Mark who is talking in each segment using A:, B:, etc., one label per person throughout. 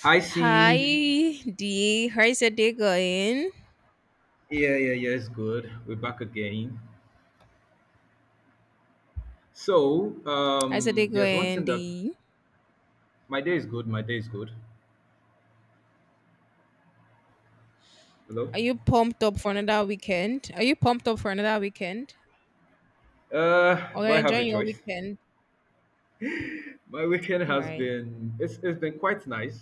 A: Hi,
B: Hi
A: C.
B: D, how's your day going?
A: Yeah, yeah, yeah. It's good. We're back again. So,
B: How's your day
A: there's one
B: going,
A: thing that
B: D?
A: my day is good. My day is good. Hello.
B: Are you pumped up for another weekend? Are you pumped up for another weekend? Or you're
A: Do I have a
B: enjoying your
A: choice?
B: weekend?
A: My weekend has
B: Right.
A: been it's been quite nice.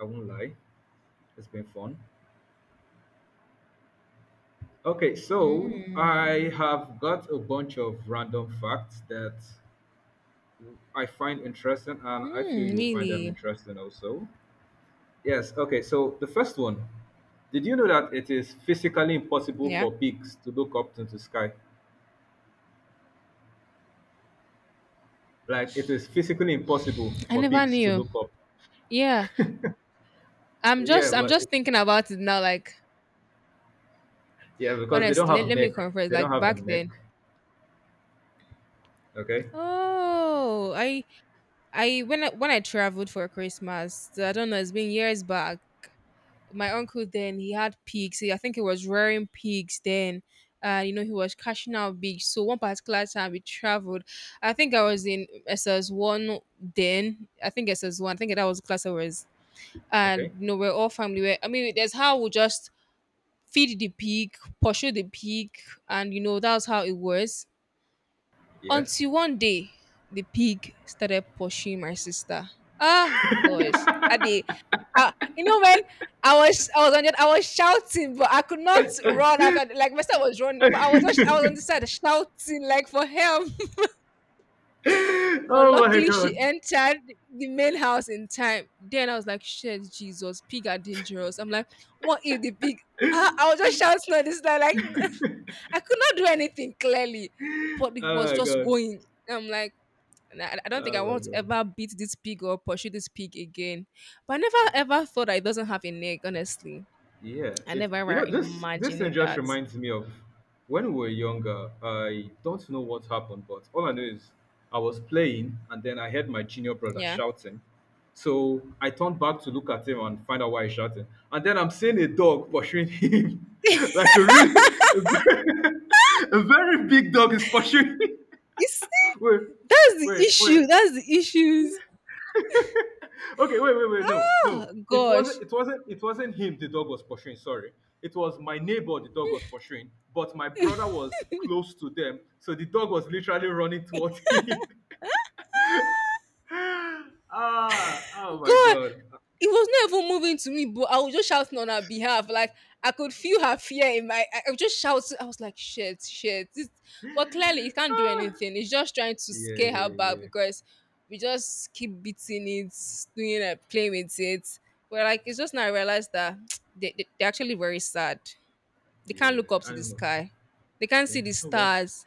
A: I won't lie. It's been fun. Okay, so I
B: Mm.
A: have got a bunch of random facts that I find interesting, and I feel
B: Hmm,
A: you'll find them
B: really?
A: interesting also. Yes, okay. So the first one, did you know that it is physically impossible
B: Yeah.
A: for pigs to look up to the sky? Like it is physically impossible
B: I
A: for
B: never
A: pigs to
B: knew.
A: look up.
B: Yeah. I'm
A: Yeah,
B: just I'm
A: well,
B: just thinking about it now, like
A: yeah, because they don't
B: honestly, let,
A: have
B: let me
A: neck.
B: confess,
A: They don't
B: like
A: have a
B: back
A: neck.
B: then.
A: Okay,
B: Oh I when I when I traveled for Christmas, I don't know, it's been years back. My uncle then he had pigs. I think he was rearing pigs then. He was cashing out big. So one particular time we traveled. I think I was in SS1 then. I think SS1. I think that was the class I was.
A: okay,
B: And we're all family. We're, I mean, that's how we just feed the pig, pursue the pig, and that's how it was.
A: yeah.
B: Until one day, the pig started pursuing my sister. Ah, gosh. I dey, you know, when I was shouting, but I could not run after. Like my sister was running, but I was on the side shouting like for help. But
A: oh my
B: luckily, she
A: god.
B: entered the main house in time. Then I was like, "Shit, Jesus, pig are dangerous." I'm like, "What if the pig?" I was just shouting on this side, like. I could not do anything clearly,
A: Oh
B: but it was
A: my
B: just
A: god.
B: going. I'm like, and I don't think
A: Oh
B: I
A: my
B: want to
A: god.
B: ever beat this pig or pursue this pig again. But I never ever thought that it doesn't have a neck, honestly.
A: Yeah,
B: I
A: it
B: never
A: you
B: ever
A: know this this
B: imagined
A: thing
B: it
A: just
B: that.
A: reminds me of when we were younger. I don't know what happened, but all I know is I was playing and then I heard my junior brother
B: Yeah.
A: shouting. So I turned back to look at him and find out why he's shouting. And then I'm seeing a dog pursuing him, like a very, a very big dog is pursuing him.
B: You see,
A: Wait,
B: that's the
A: wait, wait!
B: issue. That's the issues.
A: okay, wait, wait, wait. No,
B: Oh
A: no. It
B: gosh.
A: wasn't. It wasn't. It wasn't him. The dog was pursuing. Sorry, it was my neighbor. The dog was pursuing, but my brother was close to them, so the dog was literally running towards him. Ah, oh my
B: God,
A: god.
B: It was not even moving to me, but I was just shouting on her behalf. Like I could feel her fear in my. I was just shouting. I was like, "Shit, shit!" This, but clearly, it can't do
A: Ah.
B: anything. It's just trying to
A: Yeah,
B: scare her
A: yeah,
B: back
A: yeah,
B: because we just keep beating it, doing it, playing with it. But like, it's just now I realized that they're actually very sad. They can't
A: yeah.
B: look up to the
A: Animals.
B: sky. They can't
A: Yeah.
B: see the
A: Oh well.
B: stars.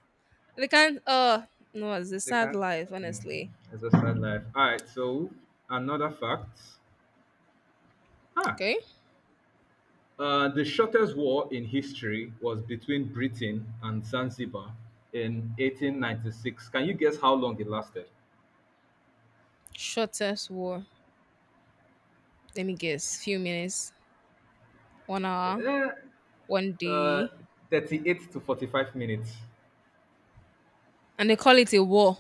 B: They can't. No, it's a
A: They
B: sad
A: can't.
B: life,
A: You know,
B: honestly.
A: it's a sad life. All right. So another fact. Ah.
B: Okay,
A: The shortest war in history was between Britain and Zanzibar in 1896. Can you guess how long it lasted?
B: shortest war. Let me guess. Few minutes. One hour,
A: Eh,
B: one
A: Uh,
B: day,
A: 38 to 45 minutes.
B: and they call it a war.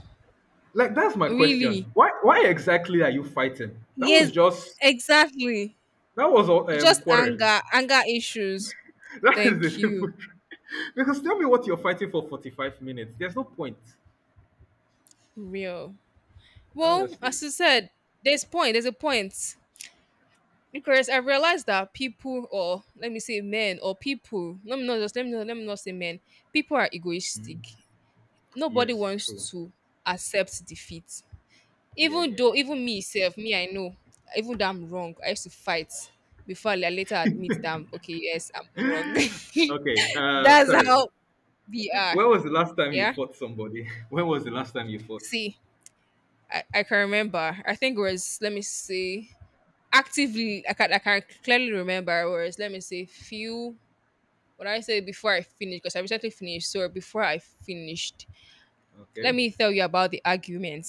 A: Like that's my
B: Really?
A: question. Why exactly are you fighting? That
B: Yes,
A: was just
B: exactly.
A: that was
B: It's
A: a um,
B: just
A: quarrel.
B: anger, anger issues.
A: That is the
B: Thank
A: simple
B: you.
A: truth. Because tell me what you're fighting for 45 minutes. There's no point.
B: Real. Well,
A: Honestly.
B: as you said, there's point. There's a point because I realized that people, or let me say men, or people. Let me not just let me not say men. People are egoistic. Nobody
A: Yes, true.
B: wants to accept defeat.
A: Yeah,
B: Even
A: yeah, yeah.
B: though even me
A: yeah,
B: self, me I know, even though I'm wrong, I used to fight before I later admit that I'm okay, yes, I'm wrong.
A: yeah. Okay,
B: That's
A: sorry.
B: how we are.
A: When was the last time you
B: Yeah.
A: fought somebody? When was the last time you fought?
B: See, I can remember. I think it was let me see. Actively, I can clearly remember it was let me say few. What I say before I finished because I recently finished. So before I finished, let
A: Okay.
B: me tell you about the argument.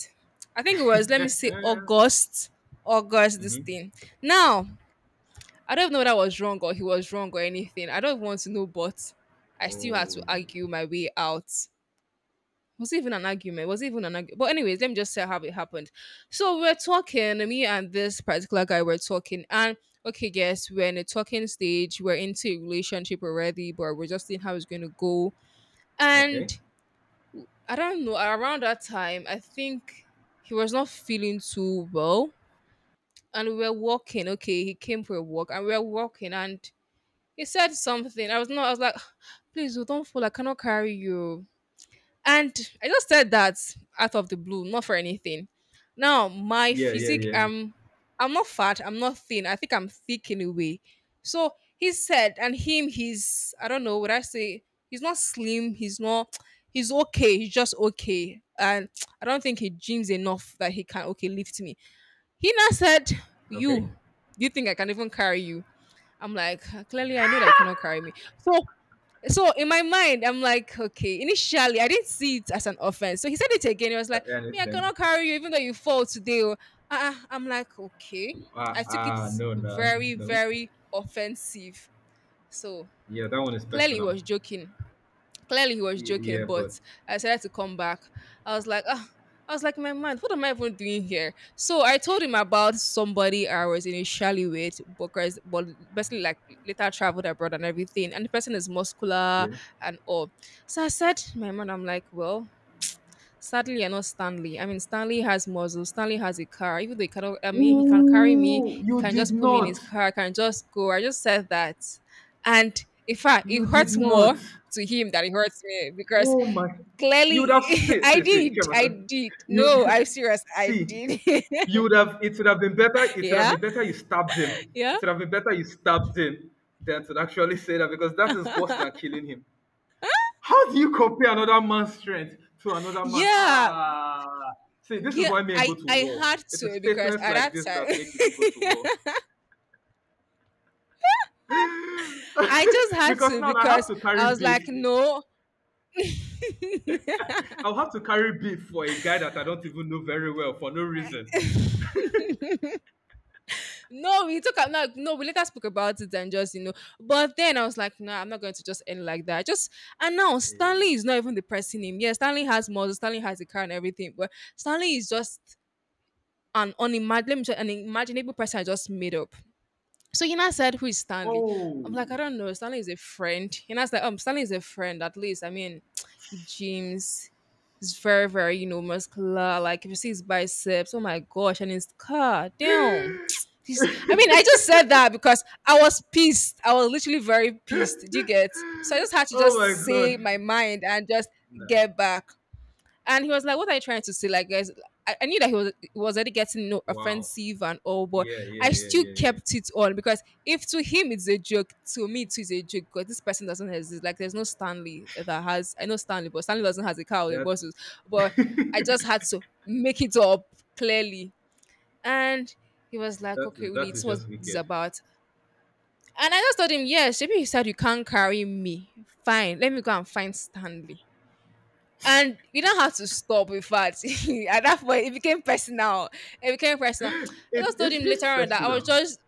B: I think it was let me say August, this
A: mm-hmm.
B: thing. Now I don't know whether I was wrong or he was wrong or anything. I don't want to know, but I still had to
A: Oh.
B: argue my way out. Was it even an argument? Was it even an argument? But anyways, let me just say how it happened. So we're talking, me and this particular guy were talking, and okay, yes, we're in a talking stage. We're into a relationship already, but we're just seeing how it's going to go. And
A: Okay.
B: I don't know. Around that time, I think he was not feeling too well, and we were walking. Okay, he came for a walk, and we were walking, and he said something. I was not. I was like, please, oh, don't fall. I cannot carry you. And I just said that out of the blue, not for anything. Now my
A: Yeah, yeah,
B: physique,
A: yeah.
B: I'm not fat. I'm not thin. I think I'm thick in a way. So he said, and him, he's I don't know. Would I say he's not slim? He's not. He's okay. He's just okay. And I don't think he gyms enough that he can okay lift me. He now said,
A: Okay.
B: "You, do you think I can even carry you?" I'm like, "Ah, clearly I know that you cannot carry me. So in my mind, I'm like, okay. Initially, I didn't see it as an offense. So he said it again. He was
A: I,
B: like,
A: I
B: me, I
A: understand.
B: cannot carry you, even though you fall today. Oh." I'm like, okay.
A: Ah,
B: I took it
A: ah, no, no,
B: very,
A: no.
B: very offensive. So
A: Yeah, that one is
B: clearly he
A: personal.
B: was joking. Clearly he was
A: Y-
B: joking,
A: yeah, but
B: but I decided to come back. I was like, my man, what am I even doing here? So I told him about somebody I was initially with, but basically like later traveled abroad and everything. And the person is muscular
A: yeah.
B: and all. So I said, my man, I'm like, well, sadly, you're not Stanley. I mean, Stanley has muscle. Stanley has a car. Even though he cannot, I mean, he can carry me.
A: Ooh,
B: He
A: you
B: can
A: did
B: just put me in
A: not.
B: his car. Can just go. I just said that, and in fact, it
A: You did
B: hurts
A: not.
B: more to him than it hurts me because
A: Oh my. You would have
B: clearly,
A: see,
B: I
A: see, see,
B: did. I
A: Chiamaka.
B: did. No,
A: You
B: I'm serious. I
A: see.
B: did.
A: You would have. It would have been better. It would have
B: Yeah,
A: been better you stabbed him.
B: yeah,
A: It would have been better you stabbed him than to actually say that because that is worse than killing him. How do you compare another man's strength to another man?
B: yeah,
A: Ah, see, this is
B: yeah.
A: why men
B: I
A: go to
B: I
A: war.
B: had
A: It's a
B: to because
A: statements
B: at
A: like
B: that
A: this that
B: time,
A: make people go to war.
B: I just had
A: because
B: to
A: now I have
B: because
A: to
B: I
A: carry
B: was like,
A: beef.
B: no.
A: I'll have to carry beef for a guy that I don't even know very well for no reason.
B: No, we took out. No, no, we later spoke about it and just. But then I was like, no, I'm not going to just end like that. Just and now Stanley is not even depressing him. Yeah, Stanley has models, Stanley has a car and everything, but Stanley is just an unimaginable, an imaginable person I just made up. So Hina said, who is Stanley? I'm like, I
A: Oh,
B: don't know. Stanley is a friend. Hina's like, Stanley is a friend, at least. I mean, he gyms. He's very, very, muscular. Like if you see his biceps, oh my gosh, and his car, damn. He's, I mean, I just said that because I was pissed. I was literally very pissed. Do you get? So I just had to
A: oh my
B: just say
A: god!
B: my mind and just
A: Nah.
B: get back. And he was like, "What are you trying to say?" Like, guys, I knew that he was already getting
A: Wow.
B: offensive and all, but
A: Yeah, yeah,
B: I
A: yeah,
B: still
A: yeah, yeah.
B: kept it on because if to him it's a joke, to me it is a joke because this person doesn't exist. Like, there's no Stanley that has I know Stanley, but Stanley doesn't has a cow or a
A: That
B: muscles. But I just had to make it up clearly, and he was like,
A: that
B: "Okay,
A: is
B: really,
A: that
B: it's
A: is
B: what
A: just
B: this is
A: wicked.
B: about." And I just told him, "Yes, maybe you said you can't carry me. Fine, let me go and find Stanley." And you don't have to stop, in fact. At that point it became personal, it became personal. I
A: It's
B: just told
A: it's
B: him later
A: it's
B: on that I was
A: personal.
B: just,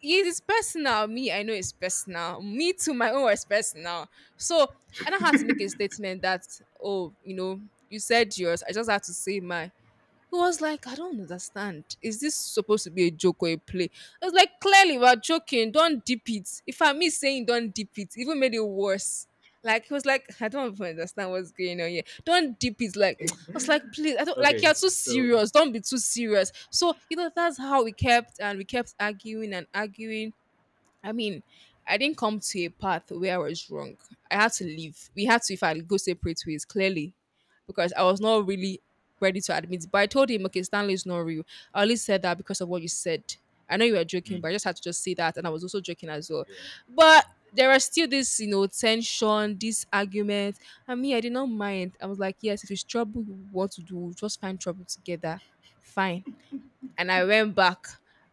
B: it is personal. Me, I know it's personal. Me, to my own, was personal. So I don't have to make a statement that, oh, you said yours, I just have to say mine. He was like, I don't understand. Is this supposed to be a joke or a play? I was like, clearly we're joking. Don't dip it. If I miss saying don't dip it, even made it worse. Like he was like, I don't even understand what's going on here. Don't dip it. Like I was like, please, I don't like
A: Okay,
B: you're too
A: so
B: serious. Don't be too serious. So that's how we kept and we kept arguing and arguing. I mean, I didn't come to a path where I was wrong. I had to leave. We had to, if I go separate ways, clearly, because I was not really ready to admit. But I told him, okay, Stanley is not real. I only said that because of what you said. I know you were joking,
A: mm,
B: but I just had to just say that, and I was also joking as well.
A: yeah,
B: But there are still this, tension, this argument. I mean, I did not mind. I was like, yes, if it's trouble you want to do, just find trouble together. Fine and I went back.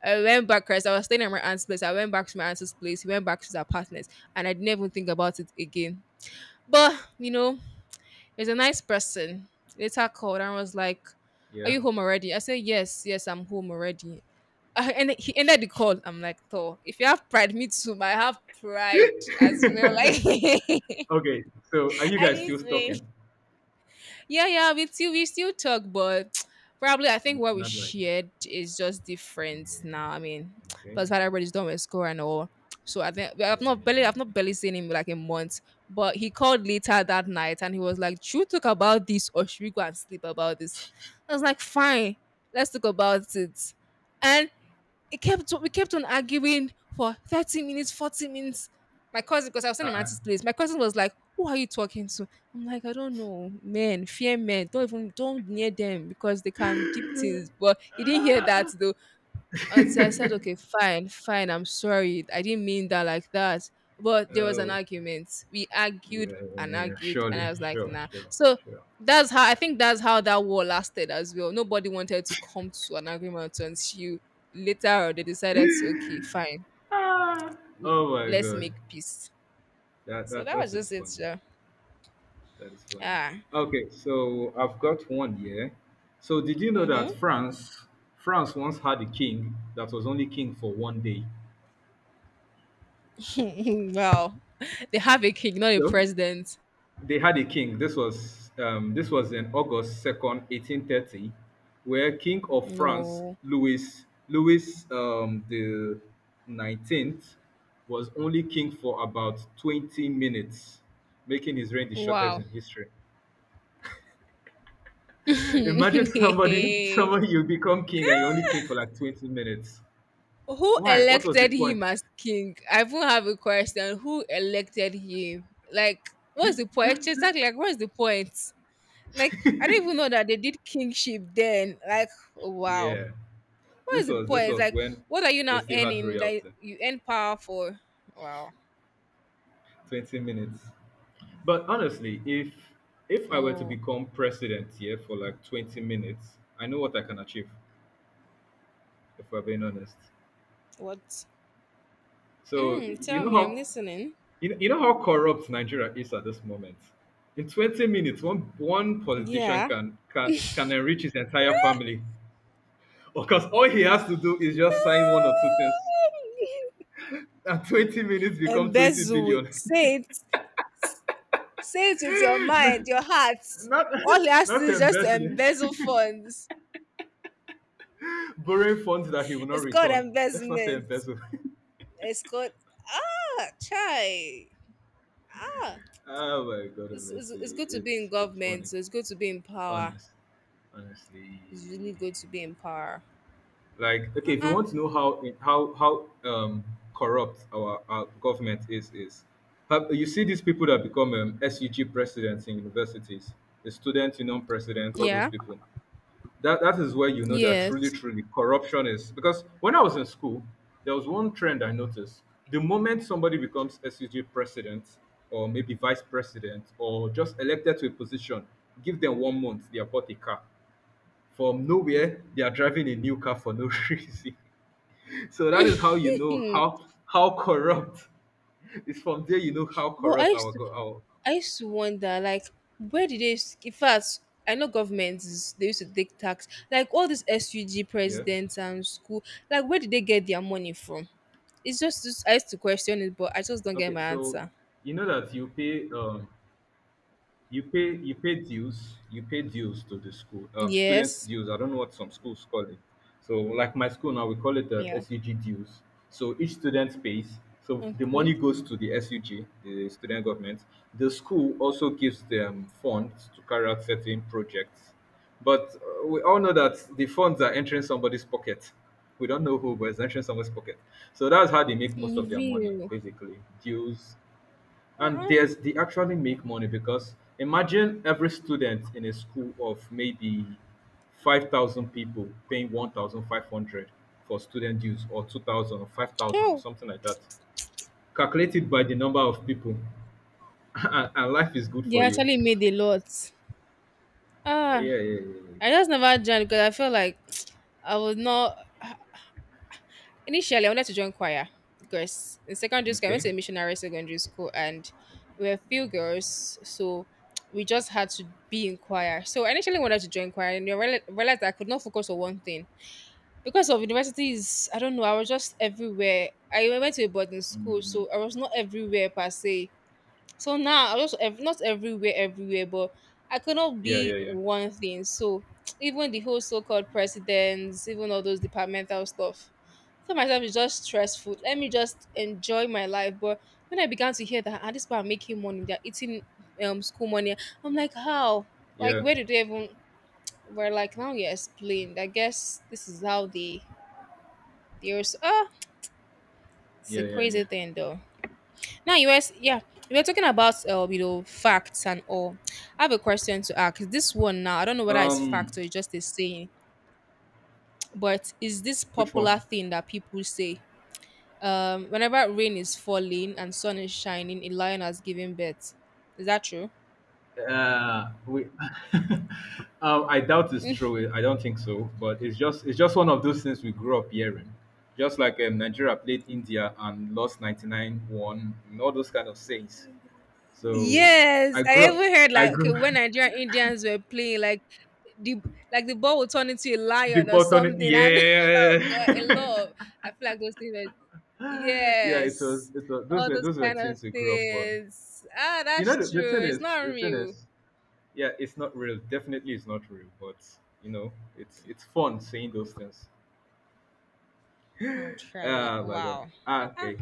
B: I went back because I was staying at my aunt's place. I went back to my aunt's place. He went back to his partner's, and I didn't even think about it again. But he's a nice person. Later called and was like,
A: yeah,
B: "Are
A: yeah.
B: you home already?" I said, "Yes, yes, I'm home already." And he ended the call. I'm like, "Thor, if you have pride, me too. But I have pride as well." Like, I
A: okay, so are you guys
B: didn't
A: still
B: say.
A: talking?
B: Yeah, yeah, we still talk, but probably I think
A: N-
B: what we
A: not like
B: shared is just
A: yeah,
B: different now. I mean,
A: okay,
B: plus that everybody's done with school and all. So I think I've
A: yeah,
B: not
A: yeah,
B: barely
A: yeah.
B: I've not barely
A: Yeah.
B: seen him in like a month. But he called later that night and he was like, should we talk about this or should we go and sleep about this? I was like, fine, let's talk about it. It kept we kept on arguing for 30 minutes, 40 minutes. My cousin, because I was in my
A: Uh-uh.
B: auntie's place, my cousin was like, who are you talking to? I'm like, I don't know. Men, fear men. Don't near them because they can deep things. But he didn't hear that though. And So I said, okay, fine, fine, I'm sorry. I didn't mean that like that. But there was an
A: oh
B: argument. We argued
A: yeah,
B: and
A: yeah, yeah,
B: argued, and
A: surely,
B: I was like,
A: sure,
B: nah.
A: sure,
B: So
A: sure.
B: that's how I think that's how that war lasted as well. Nobody wanted to come to an agreement until later on they decided to, okay, fine,
A: Ah,
B: l-
A: oh my
B: let's
A: god,
B: make peace.
A: that
B: So
A: that
B: that was
A: that is
B: just it.
A: funny.
B: Sha.
A: That is funny.
B: Ah,
A: Okay, so I've got one here. So did you know that France once had a king that was only king for one day?
B: mm-hmm. Wow. They have a king, not a
A: So
B: president.
A: they had a king. This was in August 2nd, 1830, where King of France
B: No.
A: Louis the 19th was only king for about 20 minutes, making his reign the shortest
B: Wow.
A: in history. Imagine somebody, somebody you become king and you're only king for like 20 minutes.
B: Who
A: Why? What was the
B: elected
A: point?
B: him as king? I even have a question. Who elected him? Like, what's the point? Exactly. Like, what's the point? Like, I don't even know that they did kingship then. Like, wow.
A: Yeah,
B: What
A: this
B: is the
A: was this
B: point?
A: was
B: Like,
A: when
B: what are you
A: they
B: now
A: still had
B: earning? Like,
A: royalty.
B: you earn power for? Wow.
A: 20 minutes. But honestly, if I were to
B: Oh,
A: become president here for like 20 minutes, I know what I can achieve. If we're being honest,
B: what?
A: so
B: Mm, tell me, I'm listening.
A: you know how corrupt Nigeria is at this moment. In 20 minutes, one politician
B: Yeah.
A: can enrich his entire family. Because all he has to do is just sign one or two things, and 20 minutes become 20
B: Embezzle.
A: billion.
B: Say it. Say it with your mind, your heart.
A: not,
B: All he has to do
A: not
B: is just to
A: embezzling,
B: embezzle funds.
A: borrowing funds that he will not
B: It's called
A: return. Let's not say
B: embezzlement.
A: embezzle.
B: It's called ah try ah.
A: oh my god,
B: It's
A: honestly,
B: good to be in
A: it's funny.
B: government. It's good to be in power.
A: Honest, honestly,
B: It's really good to be in power.
A: like okay, if you
B: Uh-uh.
A: want to know how corrupt our government is. You see these people that become SUG presidents in universities, the student union presidents, all those
B: Yeah.
A: people. That is where you know that truly
B: Yes.
A: truly corruption is, because when I was in school there was one trend I noticed. The moment somebody becomes sug president or maybe vice president or just elected to a position, give them one month, they are bought a car. From nowhere they are driving a new car for no reason. So that
B: but
A: is how you know how corrupt. It's from there you know how
B: I
A: corrupt
B: used
A: our
B: to
A: go our
B: I used to wonder like where did in fact I know they used to take tax like all these SUG
A: Yeah,
B: presidents and school, like where did they get their money from? It's just I used to question it, but I just don't get
A: okay,
B: my
A: so
B: answer.
A: you know that you pay you pay dues to the school, student
B: Yes.
A: dues. I don't know what some schools call it. So like my school now, we call it the
B: Yeah.
A: sug dues. So each student pays. So the
B: Okay.
A: money goes to the sug, the student government. The school also gives them funds to carry out certain projects, but we all know that the funds are entering somebody's pocket. We don't know who, but it's entering somebody's pocket. So that's how they make most of their money,
B: Reveal.
A: basically dues. And
B: Uh-uh.
A: there's they actually make money, because imagine every student in a school of maybe 5,000 people paying 1,500 for student dues or 2,000 or 5,000 or
B: Oh,
A: something like that. Calculate it by the number of people and life is good
B: they
A: for you.
B: actually made a lot.
A: Yeah,
B: Ah,
A: yeah, yeah. Yeah.
B: I just never joined because I felt like I was not. Initially, I wanted to join choir because in secondary school I went
A: Okay.
B: to a missionary secondary school and we were few girls, so we just had to be in choir. So I initially wanted to join choir and I realized I could not focus on one thing. Because of universities, I don't know, I was just everywhere. I went to a boarding school, so I was not everywhere per se. So now I was not everywhere everywhere, but I could not
A: Yeah,
B: be
A: yeah, yeah.
B: one thing. So even the whole so-called presidents, even all those departmental stuff, so myself is just stressful. Let me just enjoy my life. But when I began to hear that, ah, this people are making money, they're eating, um, school money, I'm like how. Like
A: Yeah,
B: where did they even, were like now you explained. I guess this is how they, there's, ah, it's a
A: yeah, yeah, yeah.
B: crazy thing though. Now you were, yeah, we were talking about you know, facts and all. I have a question to ask. This one now, I don't know whether it's
A: Um,
B: fact or it's just a saying, but is this
A: which
B: popular
A: one?
B: thing that people say? Whenever rain is falling and sun is shining, a lion has given birth. Is that true?
A: Uh, we, I doubt it's true. I don't think so. But it's just one of those things we grew up hearing. Just like Nigeria played India and lost 99-1, and all those kind of things. So
B: Yes,
A: I
B: I
A: grew up.
B: even heard
A: I
B: like okay
A: grew
B: when Nigerian Indians were playing, like the, like the ball would turn into a
A: The
B: lion or
A: button.
B: something, and
A: Yeah,
B: oh god, I love. I feel like those things are,
A: yeah. It was.
B: yes,
A: It was. Those
B: all
A: were
B: those
A: those were
B: kind of
A: things we grew up on.
B: things, ah,
A: You know,
B: that's
A: the
B: true,
A: thing
B: it's
A: is,
B: not
A: the thing
B: real,
A: is, yeah, it's not real. Definitely, it's not real. But you know, it's fun saying those things.
B: actually,
A: Oh my God.
B: wow.
A: Ah, okay.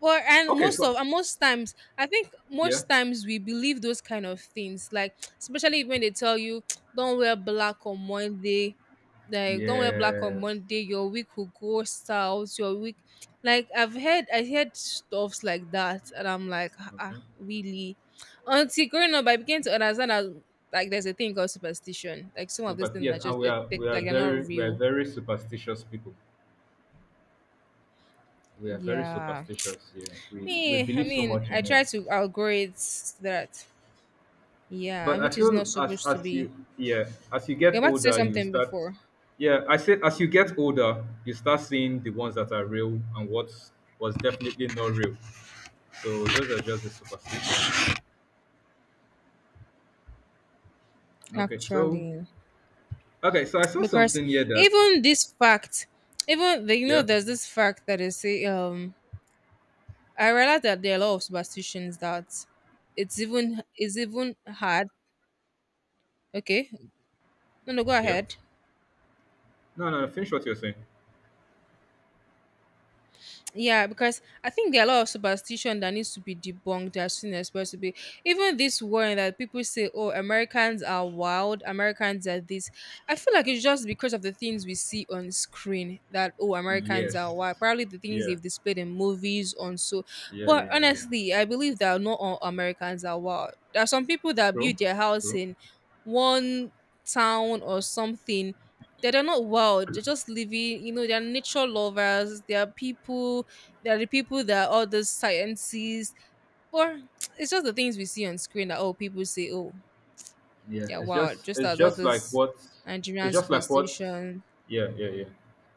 B: Well, and
A: Okay,
B: most of,
A: so
B: and most times, I think
A: yeah.
B: most times we believe those kind of things. Like especially when they tell you, "Don't wear black on Monday," like "Don't wear black on
A: Yes.
B: Monday." Your week will go south. Your week, like I've heard, I heard stuffs like that, and I'm like, ah, ah,
A: Okay.
B: really? Until growing up, I began to understand that like there's a thing called superstition. Like some of these things are
A: Yes, and
B: just
A: we are we are
B: like they're not
A: very we are
B: real.
A: very superstitious people. We are very
B: Yeah,
A: superstitious. Yeah, we
B: me. I
A: believe so
B: mean,
A: much
B: I
A: in it.
B: try to outgrow it so that. Yeah, and
A: But I
B: which is
A: feel
B: not
A: as
B: supposed to be.
A: you, yeah, as you
B: You're
A: get
B: about to say
A: older, you
B: something
A: start,
B: before,
A: yeah, I said, as you get older, you start seeing the ones that are real and what was definitely not real. So those are just the superstitions. Okay, so
B: actually,
A: okay, so I saw
B: because
A: something here that,
B: even this fact, even the, you know,
A: yeah,
B: there's this fact that they say. I realize that there are a lot of superstitions that it's even hard. Okay, no, no, go
A: yeah.
B: ahead.
A: No, no, finish what you're saying.
B: Yeah, because I think there are a lot of superstition that needs to be debunked as soon as possible. Even this one that people say, "Oh, Americans are wild. Americans are this." I feel like it's just because of the things we see on screen that oh, Americans are
A: Yes.
B: wild. Probably the things
A: Yeah.
B: they've displayed in movies on so.
A: Yeah.
B: But
A: Yeah. Yeah.
B: honestly, I believe that not all Americans are wild. There are some people that
A: True.
B: build their house
A: True.
B: in one town or something. They are not wild. They're just living, you know, they're nature lovers. They are people, there are the people that are all those sciences, or it's just the things we see on screen that oh people say oh,
A: Yeah.
B: yeah,
A: It's
B: wow,
A: just
B: just
A: it's
B: as all
A: just like
B: those
A: what.
B: Nigerian
A: It's just like what,
B: superstition.
A: yeah, yeah, yeah.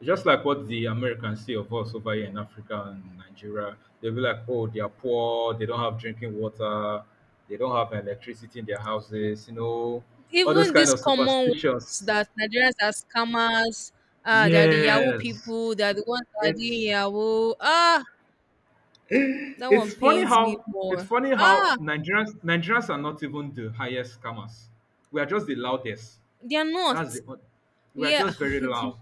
A: It's just like what the Americans see of us over here in Africa and Nigeria. They'll be like, oh, they are poor, they don't have drinking water, they don't have electricity in their houses, all those
B: Even
A: kind
B: these
A: of
B: common ones
A: superstitions.
B: that Nigerians are scammers, ah, they are the Yahoo
A: Yes.
B: people, they are the ones that are doing
A: It's
B: Yahoo. Ah, that one
A: It's funny
B: pains me
A: how it's
B: more.
A: funny
B: Ah,
A: how Nigerians are not even the highest scammers. We are just the loudest.
B: they are not.
A: That's the on- we are
B: Yeah,
A: just very loud.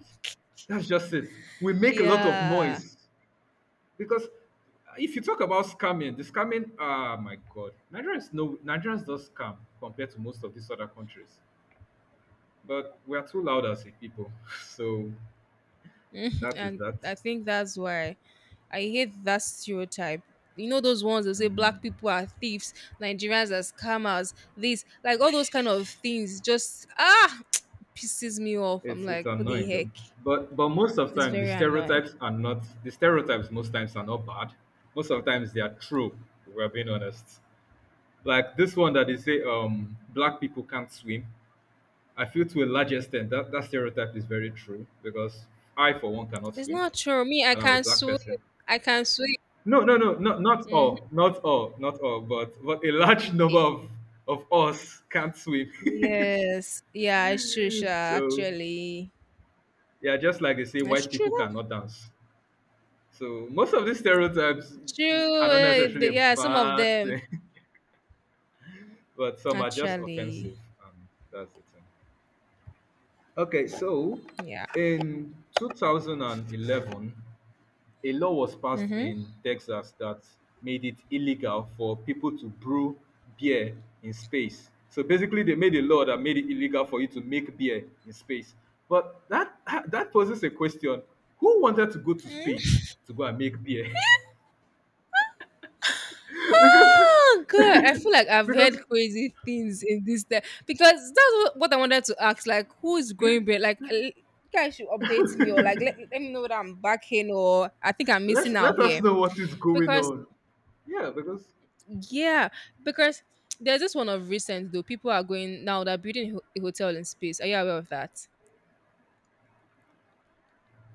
A: That's just it. We make a lot of
B: yeah,
A: noise, because if you talk about scamming, the scamming, ah, my god, Nigerians, no, Nigerians don't scam compared to most of these other countries. But we are too loud as a people, so that is
B: and
A: that.
B: I think that's why. I hate that stereotype. You know those ones that say black people are thieves, Nigerians are scammers, this, like all those kind of things just ah pisses me off. I'm
A: It's
B: like, what the
A: annoying though.
B: heck?
A: But most of the
B: It's
A: time,
B: very annoying.
A: the stereotypes most times are not bad. Most of the times they are true, if we're being honest. Like this one that they say black people can't swim. I feel to a large extent that, that stereotype is very true, because I for one cannot
B: It's
A: swim
B: not true. Me, I
A: and I'm a
B: can
A: black
B: swim.
A: person.
B: I can swim.
A: No, no, no, not
B: Mhm.
A: all, not all, not all, but a large number
B: Okay.
A: of us can't swim.
B: Yes. Yeah, it's true, Sha,
A: so
B: actually.
A: yeah, just like they say,
B: That's
A: white
B: true.
A: people cannot dance. So most of these stereotypes
B: That's
A: are
B: true.
A: not
B: Eh,
A: necessarily a
B: yeah, some of
A: bad
B: them
A: thing, but some are just
B: actually.
A: offensive. Um, that's the thing. Okay, so
B: Yeah.
A: in 2011, a law was passed
B: Mm-hmm.
A: in Texas that made it illegal for people to brew beer in space. So basically, they made a law that made it illegal for you to make beer in space. But that poses a question: Who wanted to go to space to go and make beer? because
B: Oh God, I feel like I've heard
A: because
B: crazy things in this day because that's what I wanted to ask. Like, who is going back? Like, you guys should update me or like let, let me know that I'm back in or I think I'm missing
A: let's
B: out
A: let us
B: here
A: know what is going
B: because
A: on. Yeah, because
B: yeah, because there's this one of recent though. People are going now. They're building a hotel in space. Are you aware of that?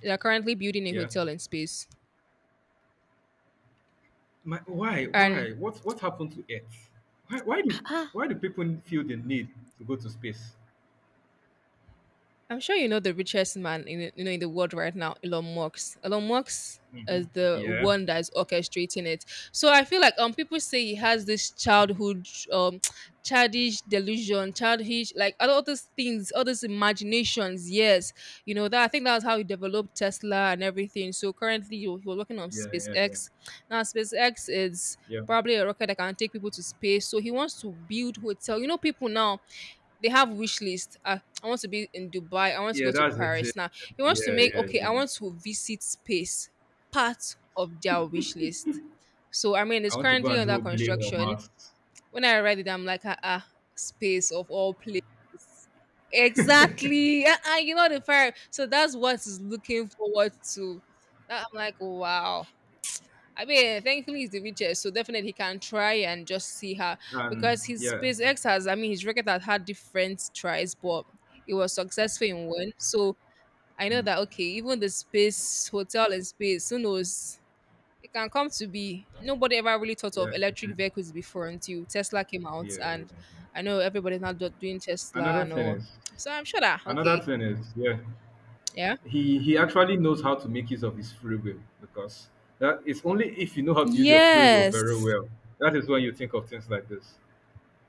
B: They're currently building a
A: yeah.
B: hotel in space,
A: Why
B: and
A: why what happened to Earth? Why why do why do people feel the need to go to space?
B: I'm sure you know the richest man in the, you know, in the world right now, Elon Musk. Elon Musk is
A: Mhm.
B: the
A: Yeah,
B: one that is orchestrating it. So I feel like people say he has this childhood childish delusion, childish, like all those things, all those imaginations. Yes, you know that I think that's how he developed Tesla and everything. So currently he was working on
A: yeah, yeah, yeah,
B: SpaceX. Now SpaceX is
A: yeah,
B: probably a rocket that can take people to space. So he wants to build hotel. You know people now they have wish list. I want to be in Dubai. I want to go
A: yeah.
B: to
A: That's the thing.
B: Paris. Now he wants to
A: Yeah,
B: make
A: yeah,
B: okay. I
A: yeah.
B: want to visit space part of their wish list. So I mean, it's
A: I want to go
B: currently
A: and
B: under
A: do a play or
B: construction.
A: masks.
B: When I read it, I'm like, ah, ah, space of all places. Exactly. Uh-uh, you know the fire. So that's what he's looking forward to. That, I'm like, wow. I mean, thankfully he's the richest, so definitely he can try and just see her,
A: And
B: because his
A: yeah,
B: SpaceX has, I mean, his rocket has had different tries, but it was successful in one. So I know
A: mm,
B: that okay, even the space hotel in space, who knows, it can come to be. Nobody ever really thought of
A: yeah, okay.
B: electric vehicles before until Tesla came out,
A: Yeah, yeah, yeah.
B: and I know everybody's now doing Tesla
A: Another
B: and
A: thing
B: all.
A: is,
B: So I'm sure that
A: another
B: okay,
A: thing is, yeah.
B: yeah,
A: He actually knows how to make use of his free will, because that is only if you know how to use your free will very
B: yes,
A: well, that is when you think of things like this.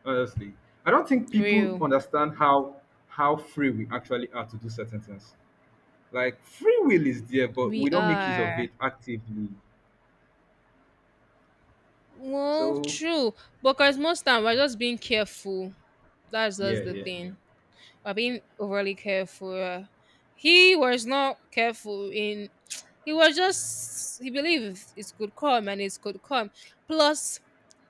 A: Honestly, I don't think people
B: real,
A: understand how free we actually are to do certain things. Like, free will is there, but
B: we
A: we don't make use of
B: are.
A: it actively,
B: Well,
A: so
B: true, but because most time we're just being careful. That's
A: yeah,
B: just the
A: yeah, yeah.
B: thing by being overly careful. He was not careful in. He was just, he believed it could come and it could come. Plus,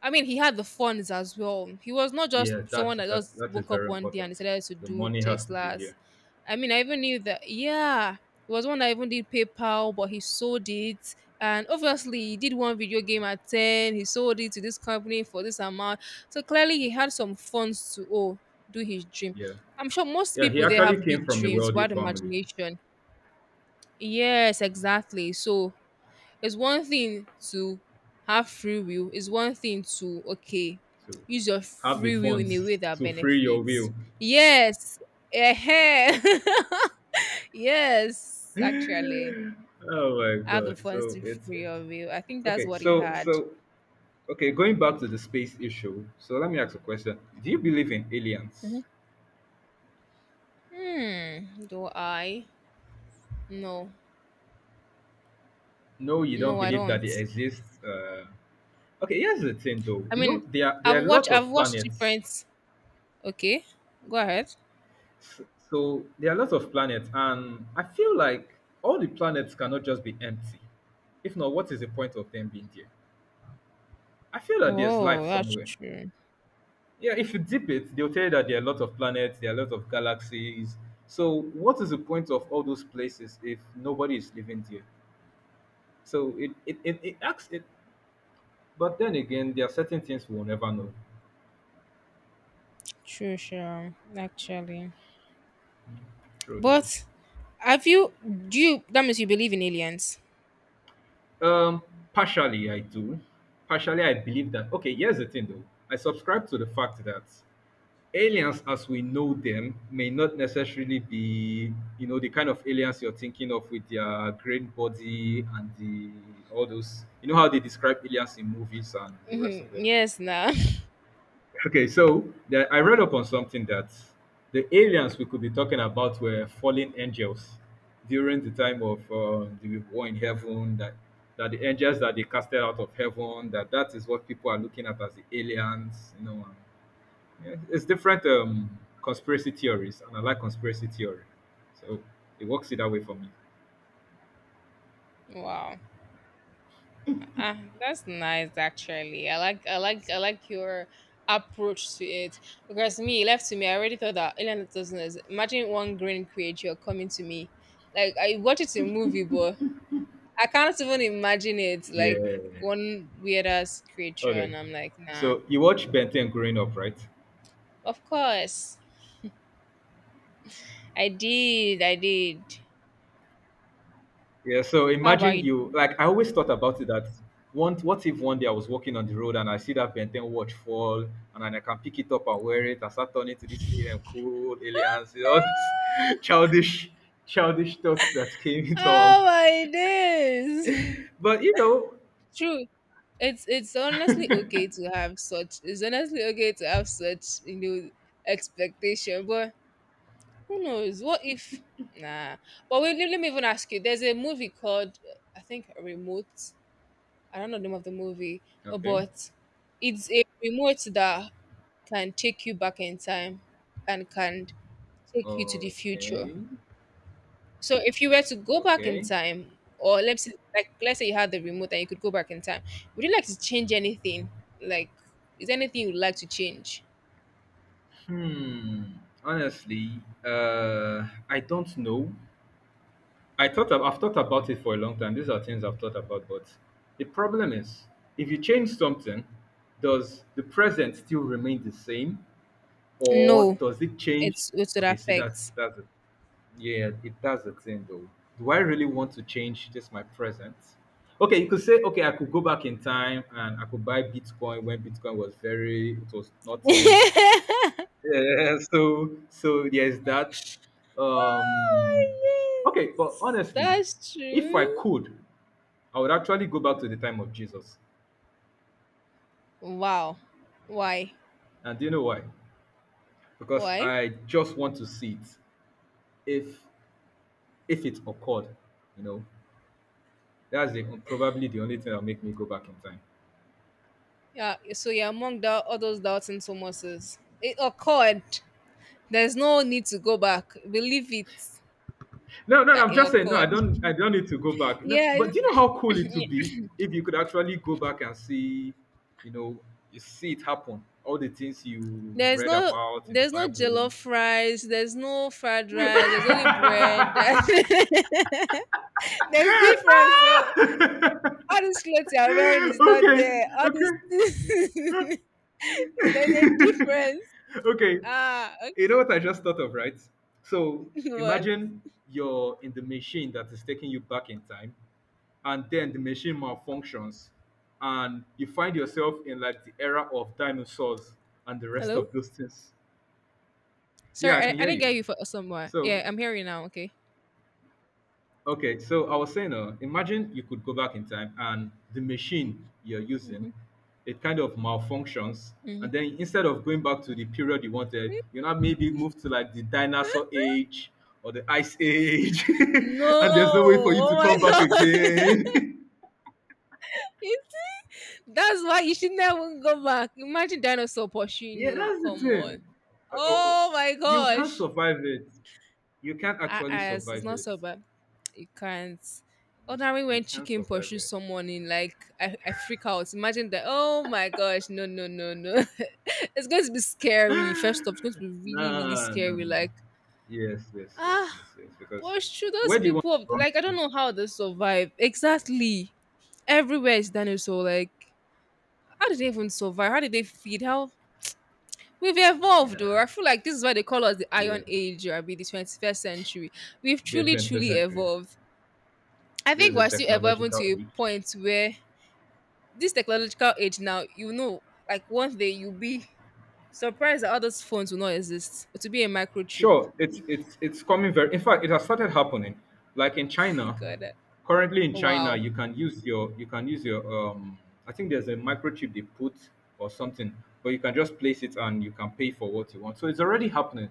B: I mean, he had the funds as well. He was not just
A: Yeah, that
B: someone that
A: that
B: just
A: that is
B: woke up
A: very
B: one day and
A: important.
B: decided to
A: The
B: do
A: money has to be
B: Teslas.
A: there.
B: I mean, I even knew that. Yeah, it was one that even did PayPal, but he sold it. And obviously, he did one video game at 10. He sold it to this company for this amount. So clearly, he had some funds to do his dream.
A: Yeah,
B: I'm sure most
A: yeah, he
B: people there
A: actually
B: have
A: came
B: big
A: from a
B: dreams,
A: wealthy
B: wild
A: family,
B: imagination. Yes, exactly. So it's one thing to have free will. It's one thing to
A: so
B: use your
A: have the
B: free will in a way
A: funds
B: that
A: to free your
B: benefits.
A: will.
B: Yes. eh yes, actually.
A: Oh my
B: I have the
A: God,
B: funds
A: so
B: to
A: it's
B: free
A: it
B: your will. I think that's
A: okay,
B: what he
A: so
B: had.
A: so okay, going back to the space issue. So let me ask a question: do you believe in aliens?
B: Hmm. Do I? No.
A: No, you
B: No,
A: don't
B: I
A: believe that they
B: don't.
A: exist? Uh, okay, here's the thing, though.
B: I
A: You know,
B: mean
A: there are
B: I've watched
A: lots
B: I've
A: of
B: watched
A: planets.
B: different okay. Go ahead.
A: S- so there are lots of planets, and I feel like all the planets cannot just be empty. If not, what is the point of them being there? I feel that there's
B: Oh,
A: life
B: that's
A: somewhere.
B: true.
A: Yeah, if you dip it, they'll tell you that there are a lot of planets, there are a lot of galaxies. So what is the point of all those places if nobody is living there? So it acts it, but then again, there are certain things we'll never know.
B: True, sure. Actually,
A: True,
B: but have you? Do you? That means you believe in aliens.
A: though. Partially, I do. Partially, I believe that. Okay, here's the thing, though. I subscribe to the fact that aliens as we know them may not necessarily be, the kind of aliens you're thinking of, with their green body and the all those, you know how they describe aliens in movies and the rest of
B: Mhm.
A: them.
B: Yes, nah.
A: Okay, so I read up on something, that the aliens we could be talking about were fallen angels during the time of the war in heaven, that the angels that they casted out of heaven, that is what people are looking at as the aliens, you know. Yeah, it's different conspiracy theories, and I like conspiracy theory, so it works it that way for me.
B: Wow. Ah, that's nice. Actually, I like your approach to it, because me left to me, I already thought that alien doesn't exist. Imagine one green creature coming to me, like I watch it in movie, but I can't even imagine it, like
A: Yeah.
B: one weird ass creature,
A: Okay.
B: and I'm like, nah.
A: So you watch Ben 10 growing up, right?
B: Of course I did.
A: Yeah. So
B: How about
A: imagine,
B: you?
A: you like I always thought about it, that one: what if one day I was walking on the road and I see that Ben 10 watch fall, and then I can pick it up and wear it and start turning to these cool aliens, you know, those childish, childish thoughts that came into our.
B: Oh my days.
A: But you know.
B: True. It's honestly okay to have such it's honestly okay to have such, you know, expectation. But who knows? What if nah. But wait, let me even ask you. There's a movie called I think Remote. I don't know the name of the movie,
A: Okay.
B: but it's a remote that can take you back in time and can take you to the future.
A: Okay.
B: So if you were to go back in
A: Okay.
B: time, or let's say you had the remote and you could go back in time, would you like to change anything? Like, is there anything you'd like to change?
A: Hmm. Honestly, I don't know. I've thought about it for a long time. These are things I've thought about, but the problem is, if you change something, does the present still remain the same, or
B: No,
A: does it change?
B: it would
A: Okay, see, that's
B: affect.
A: that's it. Yeah, it does a thing though. Do I really want to change just my present? Okay, you could say, okay, I could go back in time and I could buy Bitcoin when Bitcoin was very, it was nothing. Yeah, so there's that. Um,
B: Oh,
A: okay, but
B: yes.
A: honestly,
B: That's
A: if I
B: true.
A: could, I would actually go back to the time of Jesus.
B: Wow. Why?
A: And do you know why? Because
B: Why?
A: I just want to see it, if it occurred, you know. That's probably the only thing that'll make me go back in time.
B: Yeah. So you're among all those doubts doubting Thomases. It occurred. There's no need to go back. Believe it
A: No, no, no,
B: that
A: I'm
B: it
A: just saying, no,
B: occurred.
A: I don't need to go back. No,
B: Yeah.
A: but do you know how cool it would be if you could actually go back and see, you know, you see it happen, all the things you
B: There's
A: read
B: no
A: about in the
B: there's no
A: Bible.
B: jollof rice, there's no fried rice, there's only bread. There's difference. So
A: Ah! okay,
B: all these clothes you are wearing is not
A: okay,
B: there. All this there's a difference.
A: okay.
B: Ah,
A: You know
B: okay.
A: what I just thought of, right? So
B: What?
A: imagine you're in the machine that is taking you back in time, and then the machine malfunctions and you find yourself in like the era of dinosaurs and the rest
B: Hello?
A: of those things.
B: Sorry,
A: Yeah, I
B: I,
A: can
B: I
A: hear
B: didn't
A: you.
B: get you for somewhere.
A: So
B: Yeah, I'm hearing you now, okay.
A: okay, so I was saying, imagine you could go back in time and the machine you're using,
B: Hmm.
A: it kind of malfunctions,
B: Hmm.
A: and then instead of going back to the period you wanted, you now maybe move to like the dinosaur age or the ice age,
B: No,
A: and there's no way for you
B: oh
A: to
B: my
A: come back
B: god.
A: again.
B: He That's why you should never go back. Imagine dinosaur pursuing
A: Yeah,
B: you.
A: that's the
B: Come on.
A: thing. Oh, oh,
B: Oh my
A: you can't
B: gosh.
A: survive it. You can't actually
B: As it's
A: survive
B: not
A: it.
B: so bad. You can't.
A: Honestly,
B: Ordinary
A: you
B: when
A: can't
B: chicken
A: survive
B: pursues
A: it.
B: someone in like I freak out. Imagine that. Oh my gosh. No no no no. It's going to be scary. First off, it's going to be really really
A: Nah, no, no,
B: scary.
A: no.
B: Like
A: Yes, yes, yes,
B: ah,
A: yes, yes. Because
B: pursue those
A: where do you want
B: people.
A: to run
B: Like I don't know how they survive. Exactly. Everywhere is dinosaur. Like how did they even survive? How did they feed? How We've evolved, or
A: to?
B: I feel like this is why they call us the
A: Yeah,
B: Iron
A: yeah.
B: Age, or I mean the 21st century. We've
A: The
B: truly,
A: 21st
B: truly
A: century.
B: evolved. I
A: This
B: think
A: is a
B: we're still evolving
A: technological
B: to a
A: age.
B: point where this technological age now, like one day you'll be surprised that all those phones will not exist. To be a microchip.
A: Sure, it's coming very. In fact, it has started happening. Like in China,
B: God, wow.
A: you can use your you can use your. I think there's a microchip they put or something, but you can just place it and you can pay for what you want. So it's already happening.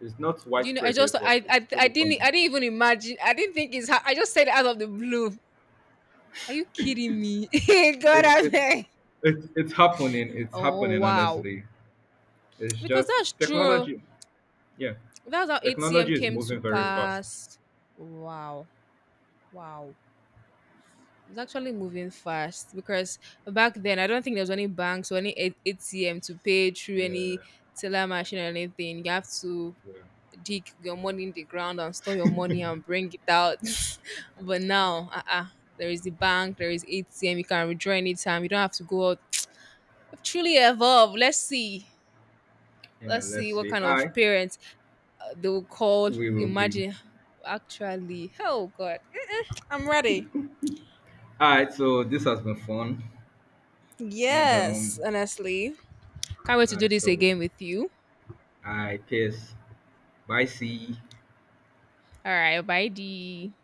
A: It's not
B: Do you know? I
A: widespread
B: just,
A: yet, but it's slowly
B: I
A: coming.
B: didn't even imagine. I didn't think it's. I just said it out of the blue. Are you kidding me? God,
A: It's
B: I
A: it's
B: beg.
A: it's happening. It's
B: Oh
A: happening.
B: wow.
A: Honestly, it's
B: Because
A: just
B: that's true.
A: technology. Yeah,
B: That's how 8 a.m.
A: technology is
B: came to
A: moving very fast.
B: pass. Wow. Wow. It's actually moving fast because back then I don't think there was any banks or any ATM to pay through any
A: Yeah,
B: teller machine or anything. You have to
A: yeah.
B: dig your money in the ground and store your money and bring it out. But now, uh-uh, there is the bank, there is ATM. You can withdraw anytime. You don't have to go out. Truly evolved. Let's see.
A: Yeah,
B: Let's
A: let's
B: see what
A: see.
B: kind of
A: I
B: parents they will call.
A: we will be
B: Imagine, actually, oh god, Mm-mm, I'm ready.
A: All right, so this has been fun, and
B: Yes, honestly. Can't wait to do this
A: so
B: again with you.
A: I guess, bye. See.
B: All right, bye, D.